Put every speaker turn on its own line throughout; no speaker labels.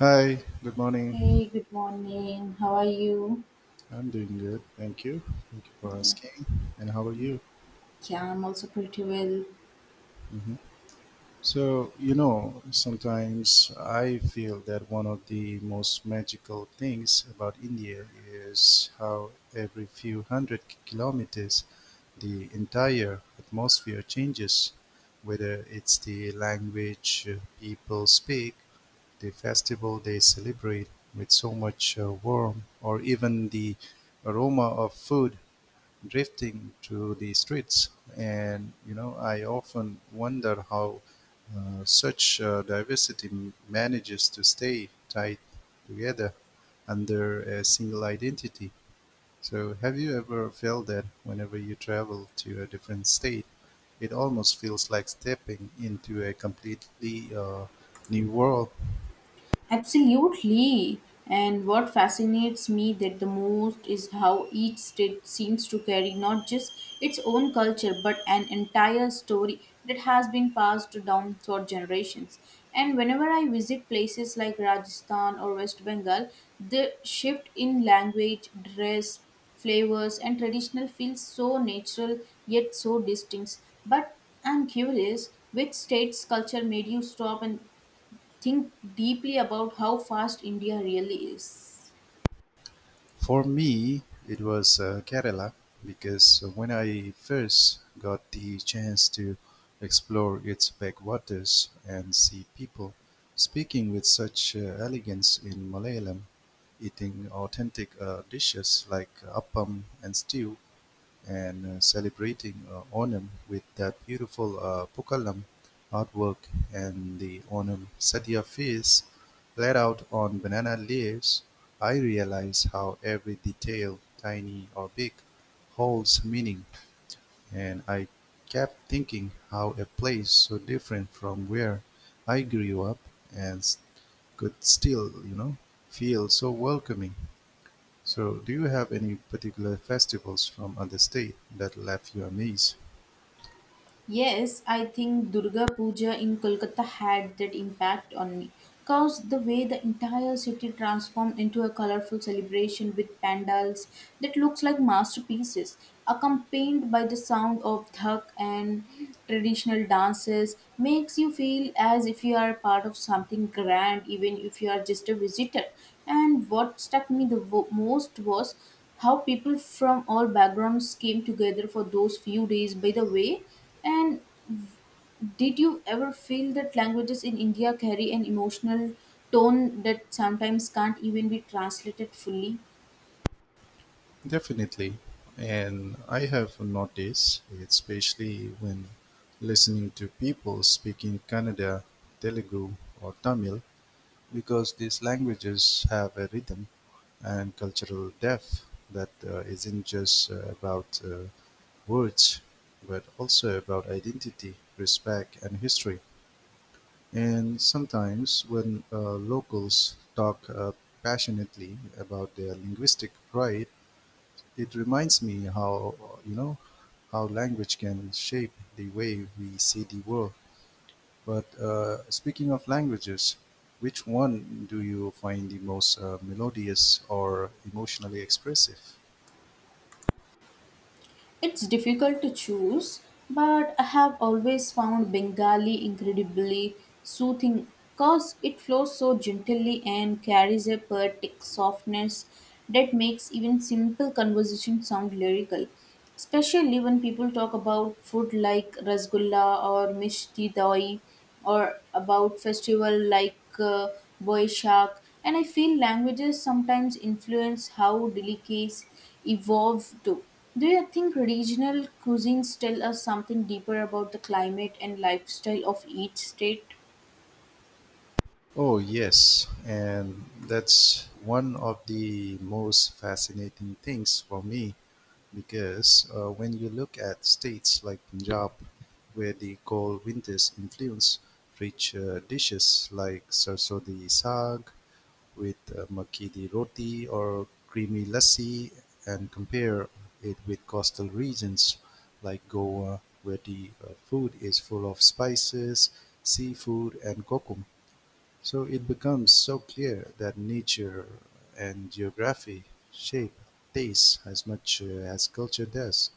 Hi, good morning.
Hey, good morning. How are you?
I'm doing good. Thank you. Thank you for
Yeah,
asking. And how are you?
yeah, I'm also pretty well.
hmm So, you know, sometimes I feel that one of the most magical things about India is how every few hundred kilometers the entire atmosphere changes, whether it's the language people speak, the festival they celebrate with so much warmth, or even the aroma of food drifting to the streets. And you know, I often wonder how such diversity manages to stay tied together under a single identity. So, have you ever felt that whenever you travel to a different state, it almost feels like stepping into a completely new world?
Absolutely. And what fascinates me that the most is how each state seems to carry not just its own culture but an entire story that has been passed down for generations. And whenever I visit places like Rajasthan or West Bengal, the shift in language, dress, flavors and traditional feels so natural yet so distinct. But I'm curious, which state's culture made you stop and think deeply about how fast India really is.
For me, it was Kerala because when I first got the chance to explore its backwaters and see people speaking with such elegance in Malayalam, eating authentic dishes like appam and stew, and celebrating Onam with that beautiful Pukalam artwork and the Onam Sadhya feast laid out on banana leaves, I realize how every detail, tiny or big, holds meaning. And I kept thinking how a place so different from where I grew up and s- could still, you know, feel so welcoming. So, do you have any particular festivals from other state that left you amazed?
Yes, I think Durga Puja in Kolkata had that impact on me. Cause the way the entire city transformed into a colorful celebration with pandals that looks like masterpieces, accompanied by the sound of dhak and traditional dances, makes you feel as if you are part of something grand, even if you are just a visitor. And what struck me the most was how people from all backgrounds came together for those few days, by the way. And did you ever feel that languages in india carry an emotional tone that sometimes can't even be translated fully?
Definitely. And I have noticed, especially when listening to people speaking Kannada, Telugu, or Tamil, because these languages have a rhythm and cultural depth that isn't just about words, but also about identity, respect, and history. And sometimes, when locals talk passionately about their linguistic pride, it reminds me how you know how language can shape the way we see the world. But speaking of languages, which one do you find the most melodious or emotionally expressive?
It's difficult to choose, but I have always found Bengali incredibly soothing because it flows so gently and carries a poetic softness that makes even simple conversation sound lyrical. Especially when people talk about food like rasgulla or mishti doi, or about festival like Boishak. And I feel languages sometimes influence how delicacies evolve too. Do you think regional cuisines tell us something deeper about the climate and lifestyle of each state?
Oh, yes. And that's one of the most fascinating things for me. Because when you look at states like Punjab, where the cold winters influence rich dishes like sarso di saag with makki di roti or creamy lassi, and compare it with coastal regions like Goa, where the food is full of spices, seafood, and kokum. So it becomes so clear that nature and geography shape taste as much as culture does.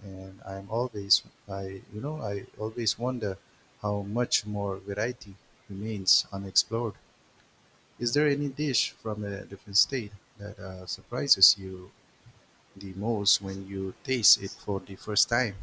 And I'm always, I you know, I always wonder how much more variety remains unexplored. Is there any dish from a different state that surprises you the most when you taste it for the first time?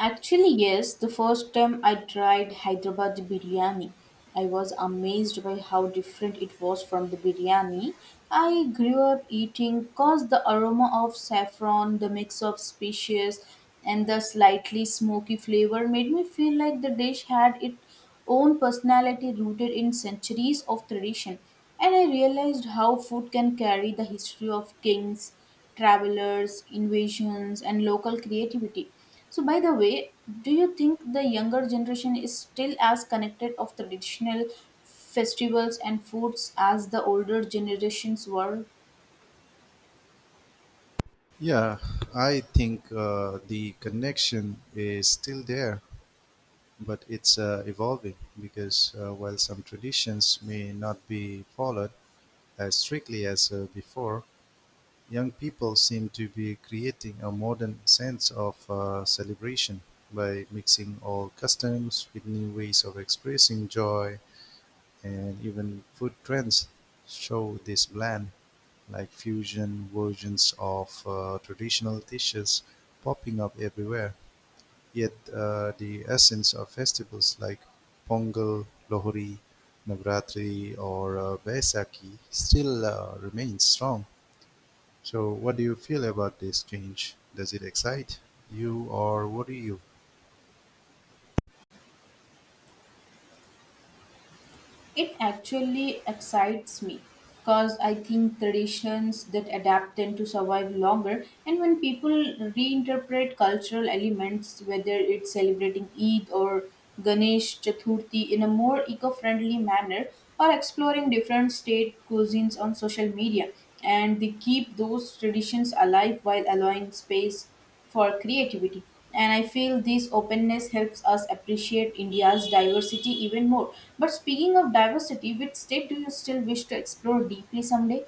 Actually, yes, the first time I tried Hyderabad biryani, I was amazed by how different it was from the biryani I grew up eating, cause the aroma of saffron, the mix of species and the slightly smoky flavor made me feel like the dish had its own personality rooted in centuries of tradition. And I realized how food can carry the history of kings, travelers, invasions, and local creativity. So, by the way, do you think the younger generation is still as connected of traditional festivals and foods as the older generations were?
Yeah, I think the connection is still there but it's evolving because while some traditions may not be followed as strictly as before, young people seem to be creating a modern sense of celebration by mixing old customs with new ways of expressing joy and even food trends show this blend like fusion versions of traditional dishes popping up everywhere. Yet the essence of festivals like Pongal, Lohri, Navratri, or Baisakhi still remains strong. So, what do you feel about this change? Does it excite you or worry you?
It actually excites me because I think traditions that adapt tend to survive longer. And when people reinterpret cultural elements, whether it's celebrating Eid or Ganesh Chaturthi in a more eco friendly manner, or exploring different state cuisines on social media, and they keep those traditions alive while allowing space for creativity. And I feel this openness helps us appreciate India's diversity even more. But speaking of diversity, which state do you still wish to explore deeply someday?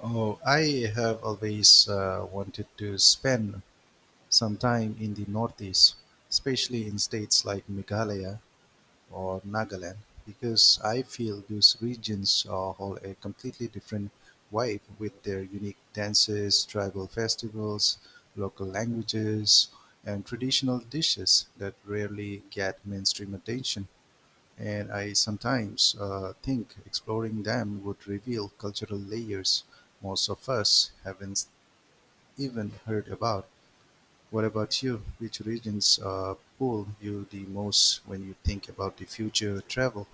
Oh, I have always wanted to spend some time in the Northeast, especially in states like Meghalaya or Nagaland because I feel those regions hold a completely different vibe with their unique dances, tribal festivals, local languages, and traditional dishes that rarely get mainstream attention. And I sometimes think exploring them would reveal cultural layers most of us haven't even heard about. What about you? Which regions pull you the most when you think about the future travel?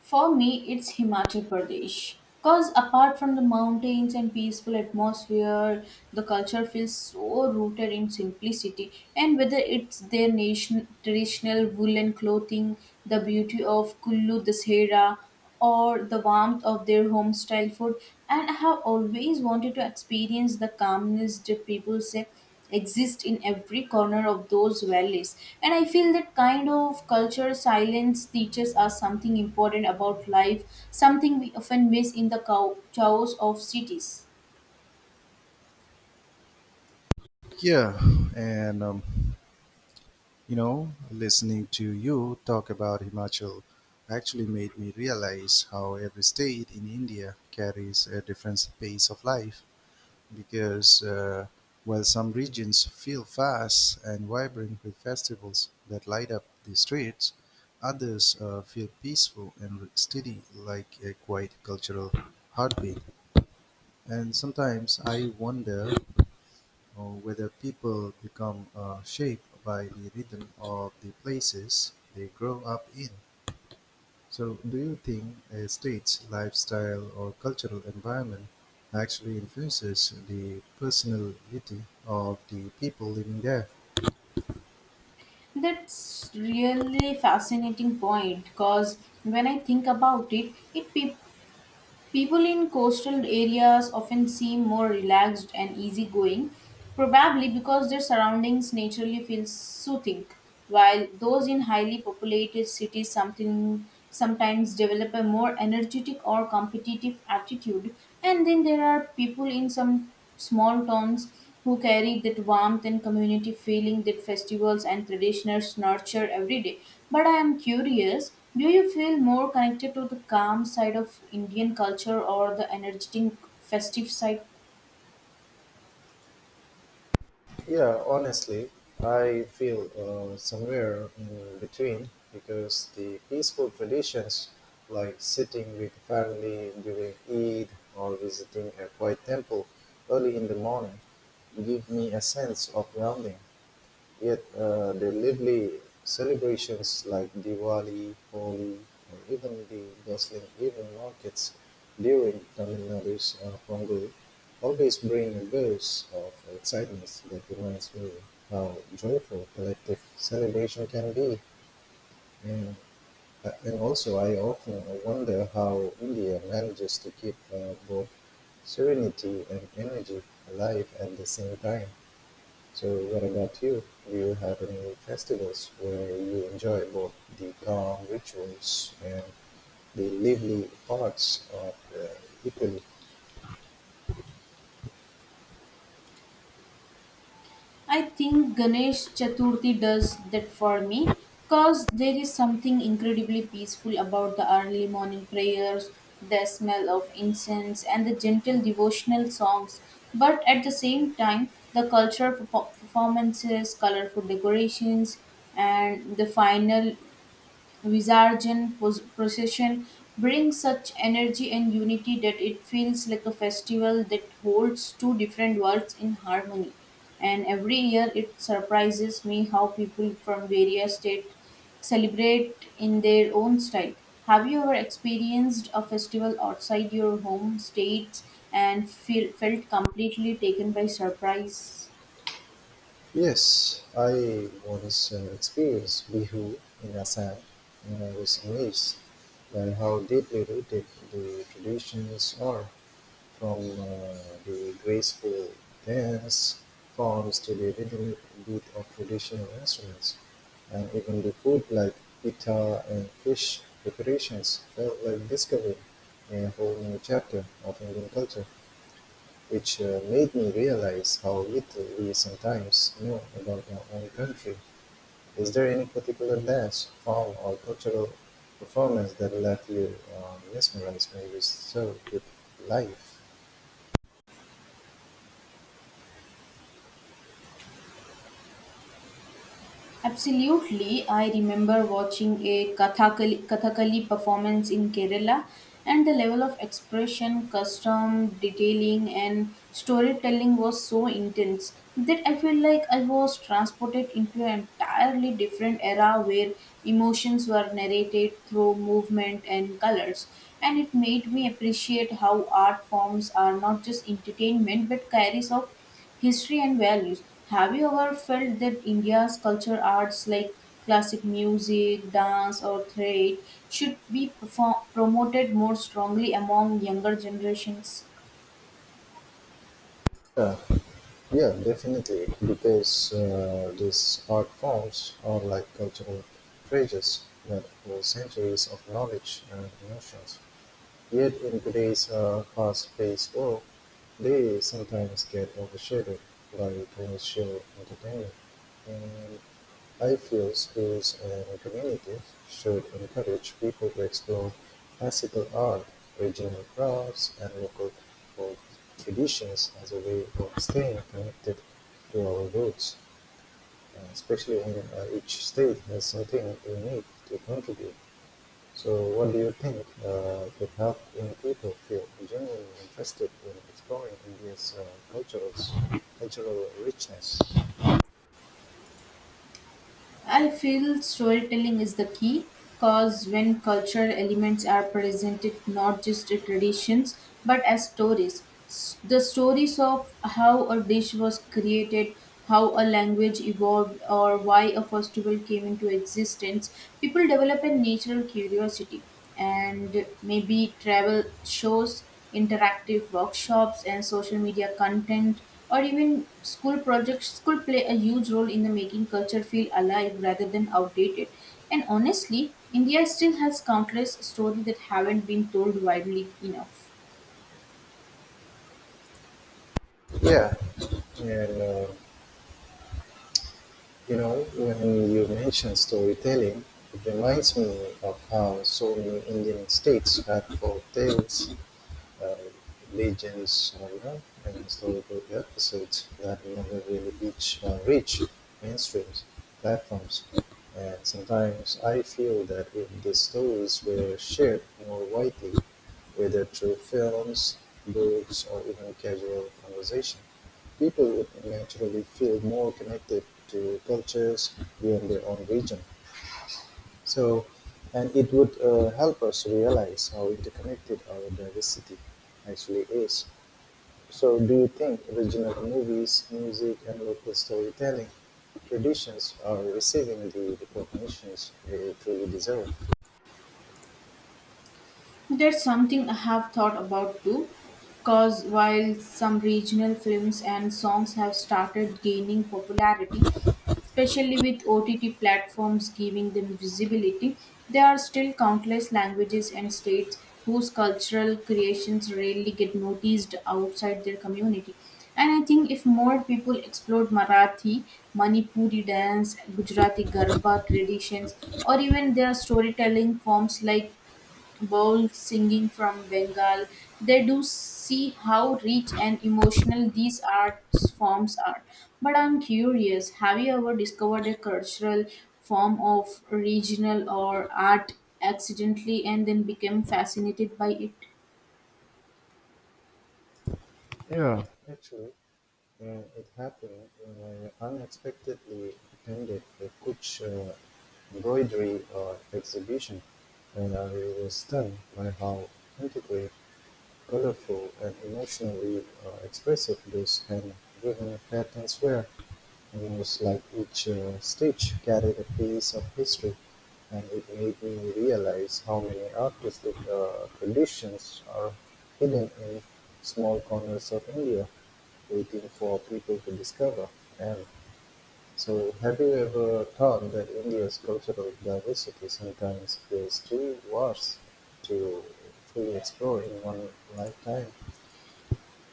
For me, it's Himachal Pradesh. Because apart from the mountains and peaceful atmosphere, the culture feels so rooted in simplicity. And whether it's their nation, traditional woolen clothing, the beauty of Kullu Dashera, or the warmth of their home-style food, and I have always wanted to experience the calmness that people say exist in every corner of those valleys. And I feel that kind of culture silence teaches us something important about life, something we often miss in the chaos of cities.
Yeah, and you know, listening to you talk about Himachal actually made me realize how every state in India carries a different pace of life. Because while some regions feel fast and vibrant with festivals that light up the streets, others feel peaceful and steady, like a quiet cultural heartbeat. And sometimes I wonder or whether people become shaped by the rhythm of the places they grow up in. So, do you think a state's lifestyle or cultural environment actually influences the personality of the people living there?
That's really fascinating point, because when I think about it, people in coastal areas often seem more relaxed and easygoing, probably because their surroundings naturally feel soothing, while those in highly populated cities something sometimes develop a more energetic or competitive attitude. And then there are people in some small towns who carry that warmth and community feeling that festivals and traditions nurture every day. But I am curious, do you feel more connected to the calm side of Indian culture or the energetic festive side?
Yeah, honestly, I feel somewhere in between because the peaceful traditions like sitting with family during Eid or visiting a quiet temple early in the morning give me a sense of grounding. Yet they lively celebrations like Diwali, Holi, or even the bustling evening markets during Tamil Nadu's Pongal always bring a burst of excitement that reminds me how joyful collective celebration can be. And, and also, I often wonder how India manages to keep both serenity and energy alive at the same time. So what about you? Do you have any festivals where you enjoy both the calm rituals and the lively parts of Italy?
I think Ganesh Chaturthi does that for me because there is something incredibly peaceful about the early morning prayers, the smell of incense, and the gentle devotional songs. But at the same time, the cultural performances, colorful decorations, and the final Visarjan procession brings such energy and unity that it feels like a festival that holds two different worlds in harmony. And every year it surprises me how people from various states celebrate in their own style. Have you ever experienced a festival outside your home states and felt completely taken by surprise?
Yes, I once experienced Bihu in Assam, and I was amazed by how deeply rooted the traditions are. From the graceful dance forms to the rhythmic beat of traditional instruments, and even the food like pita and fish preparations felt like discovering a whole new chapter of Indian culture, which made me realize how little we sometimes know about our own country. Is there any particular dance, form, or cultural performance that left you mesmerized, maybe so with life?
Absolutely. I remember watching a Kathakali performance in Kerala, and the level of expression, custom, detailing, and storytelling was so intense that I feel like I was transported into an entirely different era where emotions were narrated through movement and colors. And it made me appreciate how art forms are not just entertainment but carries of history and values. Have you ever felt that India's culture arts like classic music, dance, or theatre should be promoted more strongly among younger generations?
Yeah. Yeah, definitely. Because these art forms are like cultural treasures that hold centuries of knowledge and emotions. Yet, in today's fast paced world, they sometimes get overshadowed by commercial entertainment and I feel schools and communities should encourage people to explore classical art, regional crafts, and local folk traditions as a way of staying connected to our roots, especially when each state has something unique to contribute. So, what do you think could help young people feel genuinely interested in exploring India's cultural, cultural richness?
I feel storytelling is the key because when cultural elements are presented not just as traditions but as stories, the stories of how a dish was created, how a language evolved, or why a festival came into existence, people develop a natural curiosity. And maybe travel shows, interactive workshops, and social media content or even school projects could play a huge role in the making culture feel alive rather than outdated. And honestly, india still has countless stories that haven't been told widely enough.
Yeah, and you know, when you mention storytelling, it reminds me of how so many Indian states have folk tales uh, legends genre and historical episodes that never really reach mainstream platforms. And sometimes I feel that if these stories were shared more widely, whether through films, books, or even casual conversation, people would naturally feel more connected to cultures beyond their own region. So, and it would help us realize how interconnected our diversity actually is. So, do you think regional movies, music, and local storytelling traditions are receiving the recognitions they truly deserve?
That's something I have thought about too, because while some regional films and songs have started gaining popularity, especially with OTT platforms giving them visibility, there are still countless languages and states whose cultural creations rarely get noticed outside their community. And I think if more people explored Marathi, Manipuri dance, Gujarati Garba traditions, or even their storytelling forms like bowls singing from Bengal, they do see how rich and emotional these art forms are. But I'm curious, have you ever discovered a cultural form of regional or art accidentally and then became fascinated by it?
Yeah, actually, it happened when I unexpectedly attended a Kutch embroidery exhibition, and I was stunned by how integrated colorful and emotionally expressive, loose and woven patterns were, almost like each stitch carried a piece of history, and it made me realize how many artistic traditions are hidden in small corners of India, waiting for people to discover. And so, have you ever thought that India's cultural diversity sometimes feels too vast to fully explore in one lifetime?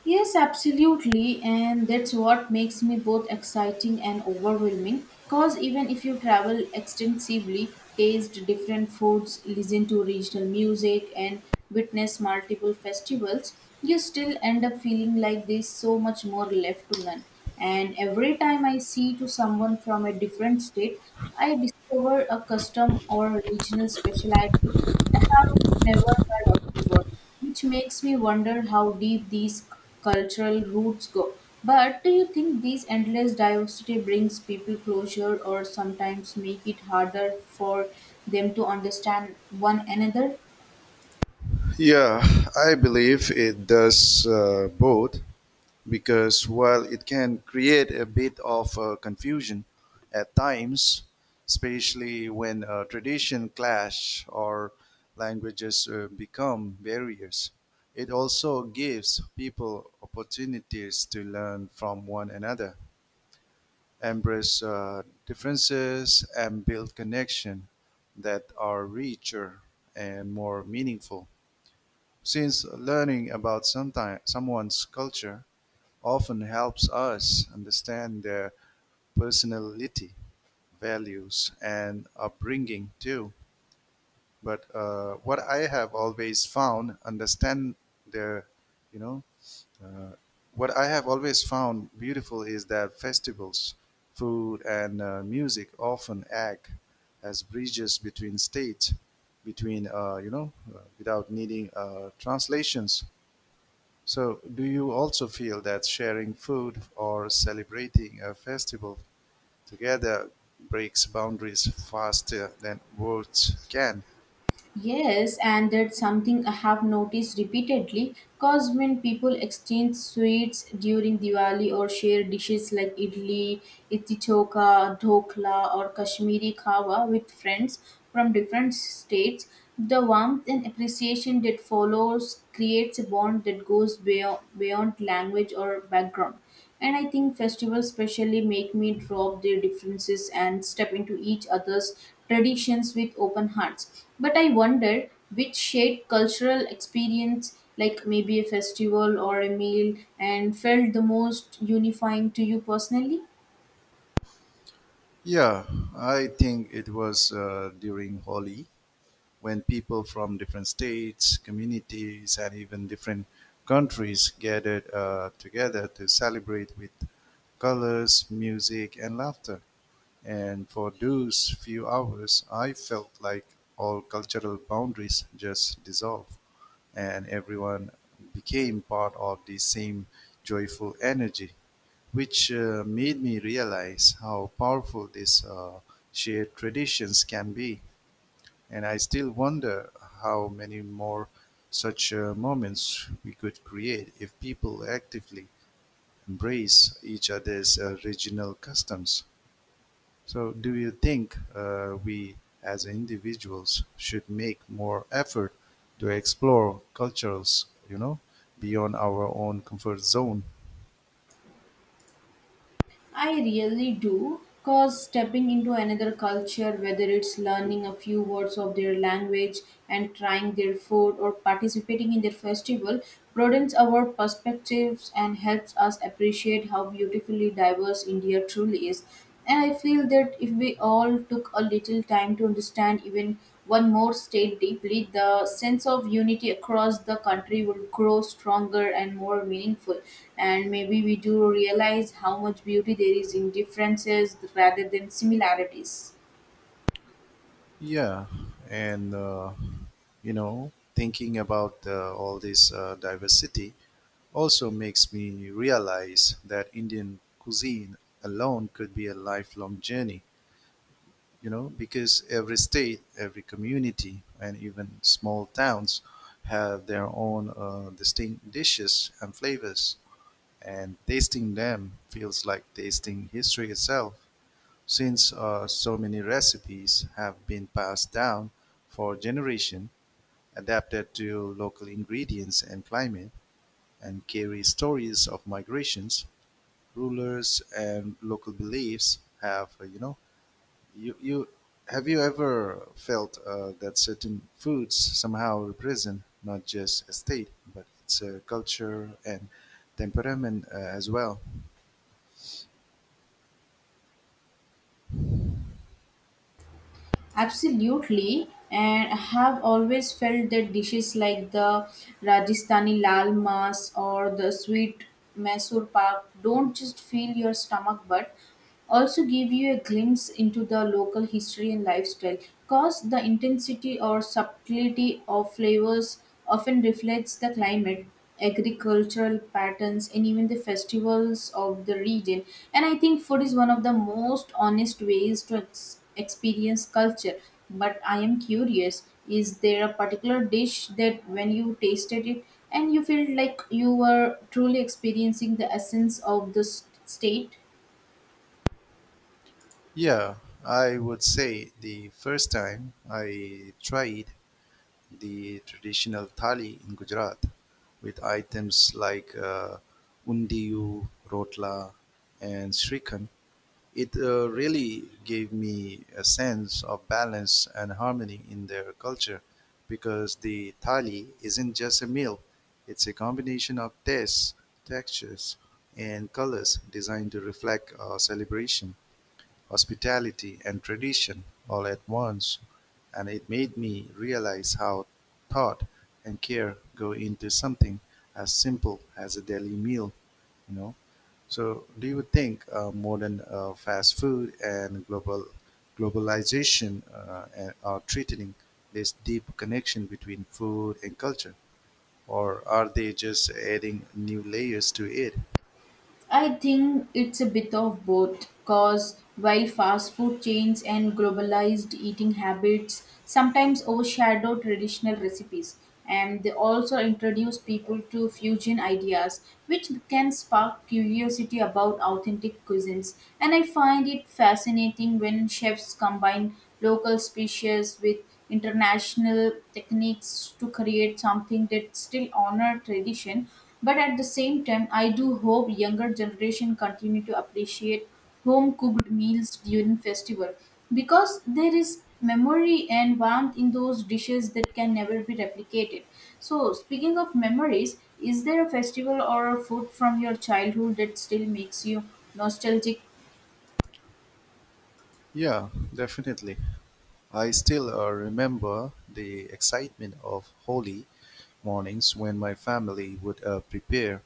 Yes, absolutely, and that's what makes me both exciting and overwhelming. Because even if you travel extensively, taste different foods, listen to regional music, and witness multiple festivals, you still end up feeling like there's so much more left to learn. And every time I see to someone from a different state, I discover a custom or regional specialty I have never heard of before, which makes me wonder how deep these cultural roots go. But do you think this endless diversity brings people closure or sometimes make it harder for them to understand one another?
Yeah, I believe it does both because while it can create a bit of confusion at times, especially when tradition clash or languages become barriers, it also gives people opportunities to learn from one another embrace differences, and build connection that are richer and more meaningful. Since learning about someone's culture often helps us understand their personality, values, and upbringing too. But what I have always found, understand their, you know, Uh, what I have always found beautiful is that festivals, food, and music often act as bridges between states, without needing translations. So, do you also feel that sharing food or celebrating a festival together breaks boundaries faster than words can?
Yes, and that's something I have noticed repeatedly. Cause when people exchange sweets during Diwali or share dishes like idli, itichoka, dhokla, or Kashmiri kawa with friends from different states, the warmth and appreciation that follows creates a bond that goes beyond language or background. And I think festivals specially make me drop their differences and step into each other's traditions with open hearts. But I wonder which shaped cultural experience, like maybe a festival or a meal, and felt the most unifying to you personally?
Yeah, I think it was during Holi when people from different states, communities, and even different countries gathered together to celebrate with colors, music, and laughter. And for those few hours, I felt like all cultural boundaries just dissolved, and everyone became part of the same joyful energy, which made me realize how powerful these shared traditions can be. And I still wonder how many more such moments we could create if people actively embrace each other's regional customs. So, do you think we as individuals should make more effort to explore cultures, you know, beyond our own comfort zone?
I really do. Because stepping into another culture, whether it's learning a few words of their language and trying their food or participating in their festival, broadens our perspectives and helps us appreciate how beautifully diverse India truly is. And I feel that if we all took a little time to understand even one more state deeply, the sense of unity across the country would grow stronger and more meaningful. And maybe we do realize how much beauty there is in differences rather than similarities.
Yeah, and you know, thinking about all this diversity also makes me realize that Indian cuisine alone could be a lifelong journey, you know, because every state, every community, and even small towns have their own distinct dishes and flavors, and tasting them feels like tasting history itself. Since so many recipes have been passed down for generation, adapted to local ingredients and climate, and carry stories of migrations, rulers and local beliefs have you know you, you have you ever felt that certain foods somehow represent not just a state but it's a culture and temperament as well?
Absolutely, and I have always felt that dishes like the Rajasthani lal mas or the sweet Mysore pak don't just fill your stomach but also give you a glimpse into the local history and lifestyle. Cause the intensity or subtlety of flavors often reflects the climate, agricultural patterns, and even the festivals of the region. And I think food is one of the most honest ways to experience culture. But I am curious, is there a particular dish that when you tasted it and you felt like you were truly experiencing the essence of the state?
Yeah, I would say the first time I tried the traditional thali in Gujarat with items like undiyu, rotla, and srikhand. It really gave me a sense of balance and harmony in their culture because the thali isn't just a meal, it's a combination of tastes, textures, and colors designed to reflect celebration, hospitality, and tradition all at once. And it made me realize how thought and care go into something as simple as a daily meal, you know. So, do you think modern fast food and globalization are threatening this deep connection between food and culture, or are they just adding new layers to it?
I think it's a bit of both because while fast food chains and globalized eating habits sometimes overshadow traditional recipes, and they also introduce people to fusion ideas, which can spark curiosity about authentic cuisines. And I find it fascinating when chefs combine local species with international techniques to create something that still honor tradition. But at the same time, I do hope younger generation continue to appreciate home cooked meals during festival, because there is memory and warmth in those dishes that can never be replicated. So speaking of memories, is there a festival or a food from your childhood that still makes you nostalgic?
Yeah, definitely. I still remember the excitement of holy mornings when my family would prepare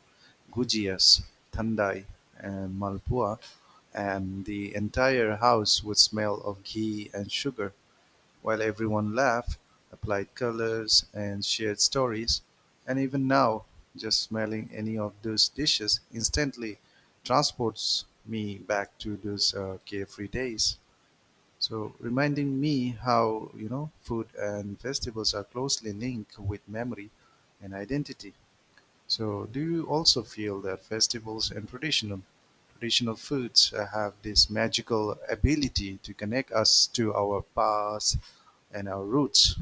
gujias, thandai, and malpua, and the entire house would smell of ghee and sugar. While everyone laughed, applied colors, and shared stories, and even now, just smelling any of those dishes instantly transports me back to those carefree days. So, reminding me how, you know, food and festivals are closely linked with memory and identity. So, do you also feel that festivals and traditional foods have this magical ability to connect us to our past and our roots?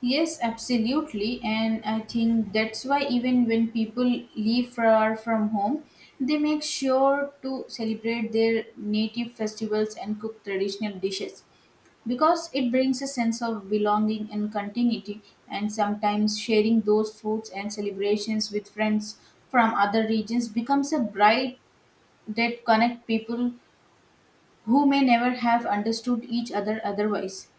Yes, absolutely. And I think that's why even when people leave far from home, they make sure to celebrate their native festivals and cook traditional dishes because it brings a sense of belonging and continuity. And sometimes sharing those foods and celebrations with friends from other regions becomes a bright that connect people who may never have understood each other otherwise,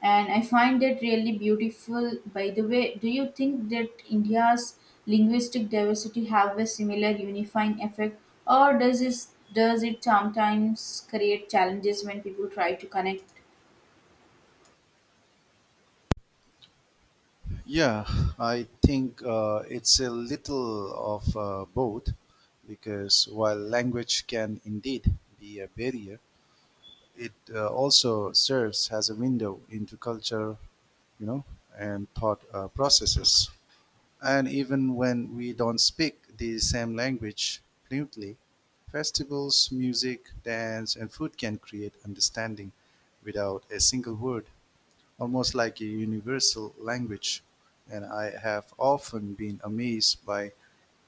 and I find that really beautiful. By the way, do you think that India's linguistic diversity have a similar unifying effect, or does it sometimes create challenges when people try to connect?
Yeah, I think it's a little of both because while language can indeed be a barrier, it also serves as a window into culture, you know, and thought processes. And even when we don't speak the same language fluently, festivals, music, dance, and food can create understanding without a single word almost like a universal language. And I have often been amazed by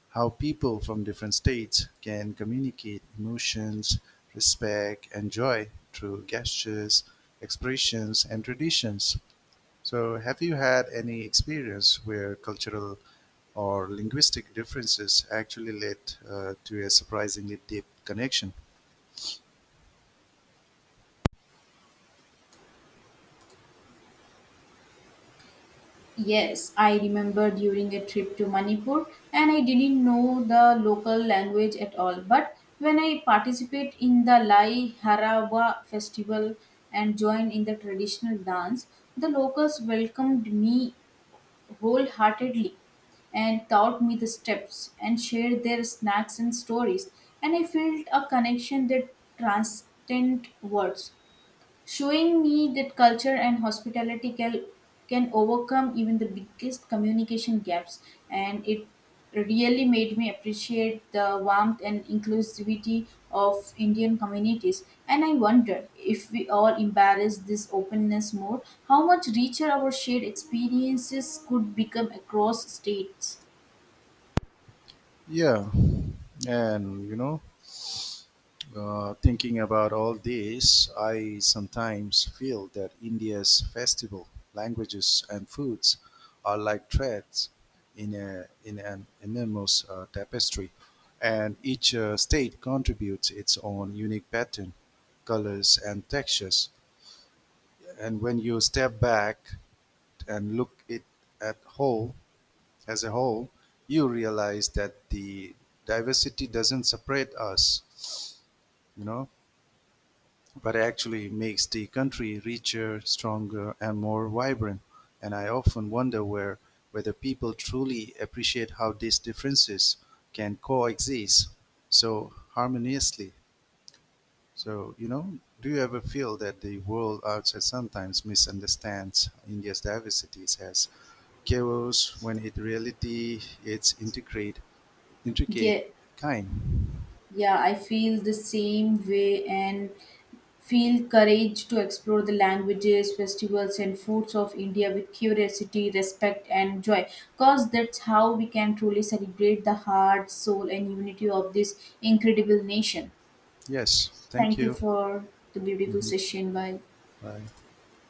how people from different states can communicate emotions, respect, and joy through gestures, expressions, and traditions. So, have you had any experience where cultural or linguistic differences actually led to a surprisingly deep connection?
Yes, I remember during a trip to Manipur, and I didn't know the local language at all. But when I participate in the Lai Harawa festival and joined in the traditional dance, the locals welcomed me wholeheartedly and taught me the steps and shared their snacks and stories. And I felt a connection that transcended words, showing me that culture and hospitality can overcome even the biggest communication gaps. And it really made me appreciate the warmth and inclusivity of indian communities. And I wonder if we all embrace this openness more, how much richer our shared experiences could become across states.
Yeah, and you know, thinking about all this, I sometimes feel that India's festival, languages, and foods are like threads in an enormous tapestry, and each state contributes its own unique pattern, colors, and textures. And when you step back and look it at whole as a whole, you realize that the diversity doesn't separate us, you know, but actually makes the country richer, stronger, and more vibrant. And I often wonder whether people truly appreciate how these differences can coexist so harmoniously. So, you know, do you ever feel that the world outside sometimes misunderstands India's diversities as chaos when in reality it's intricate
yeah
kind?
yeah I feel the same way, and feel courage to explore the languages, festivals, and foods of India with curiosity, respect, and joy. Because that's how we can truly celebrate the heart, soul, and unity of this incredible nation.
Yes, thank
Thank you
you.
for the beautiful
Hmm.
session. Bye.
Bye.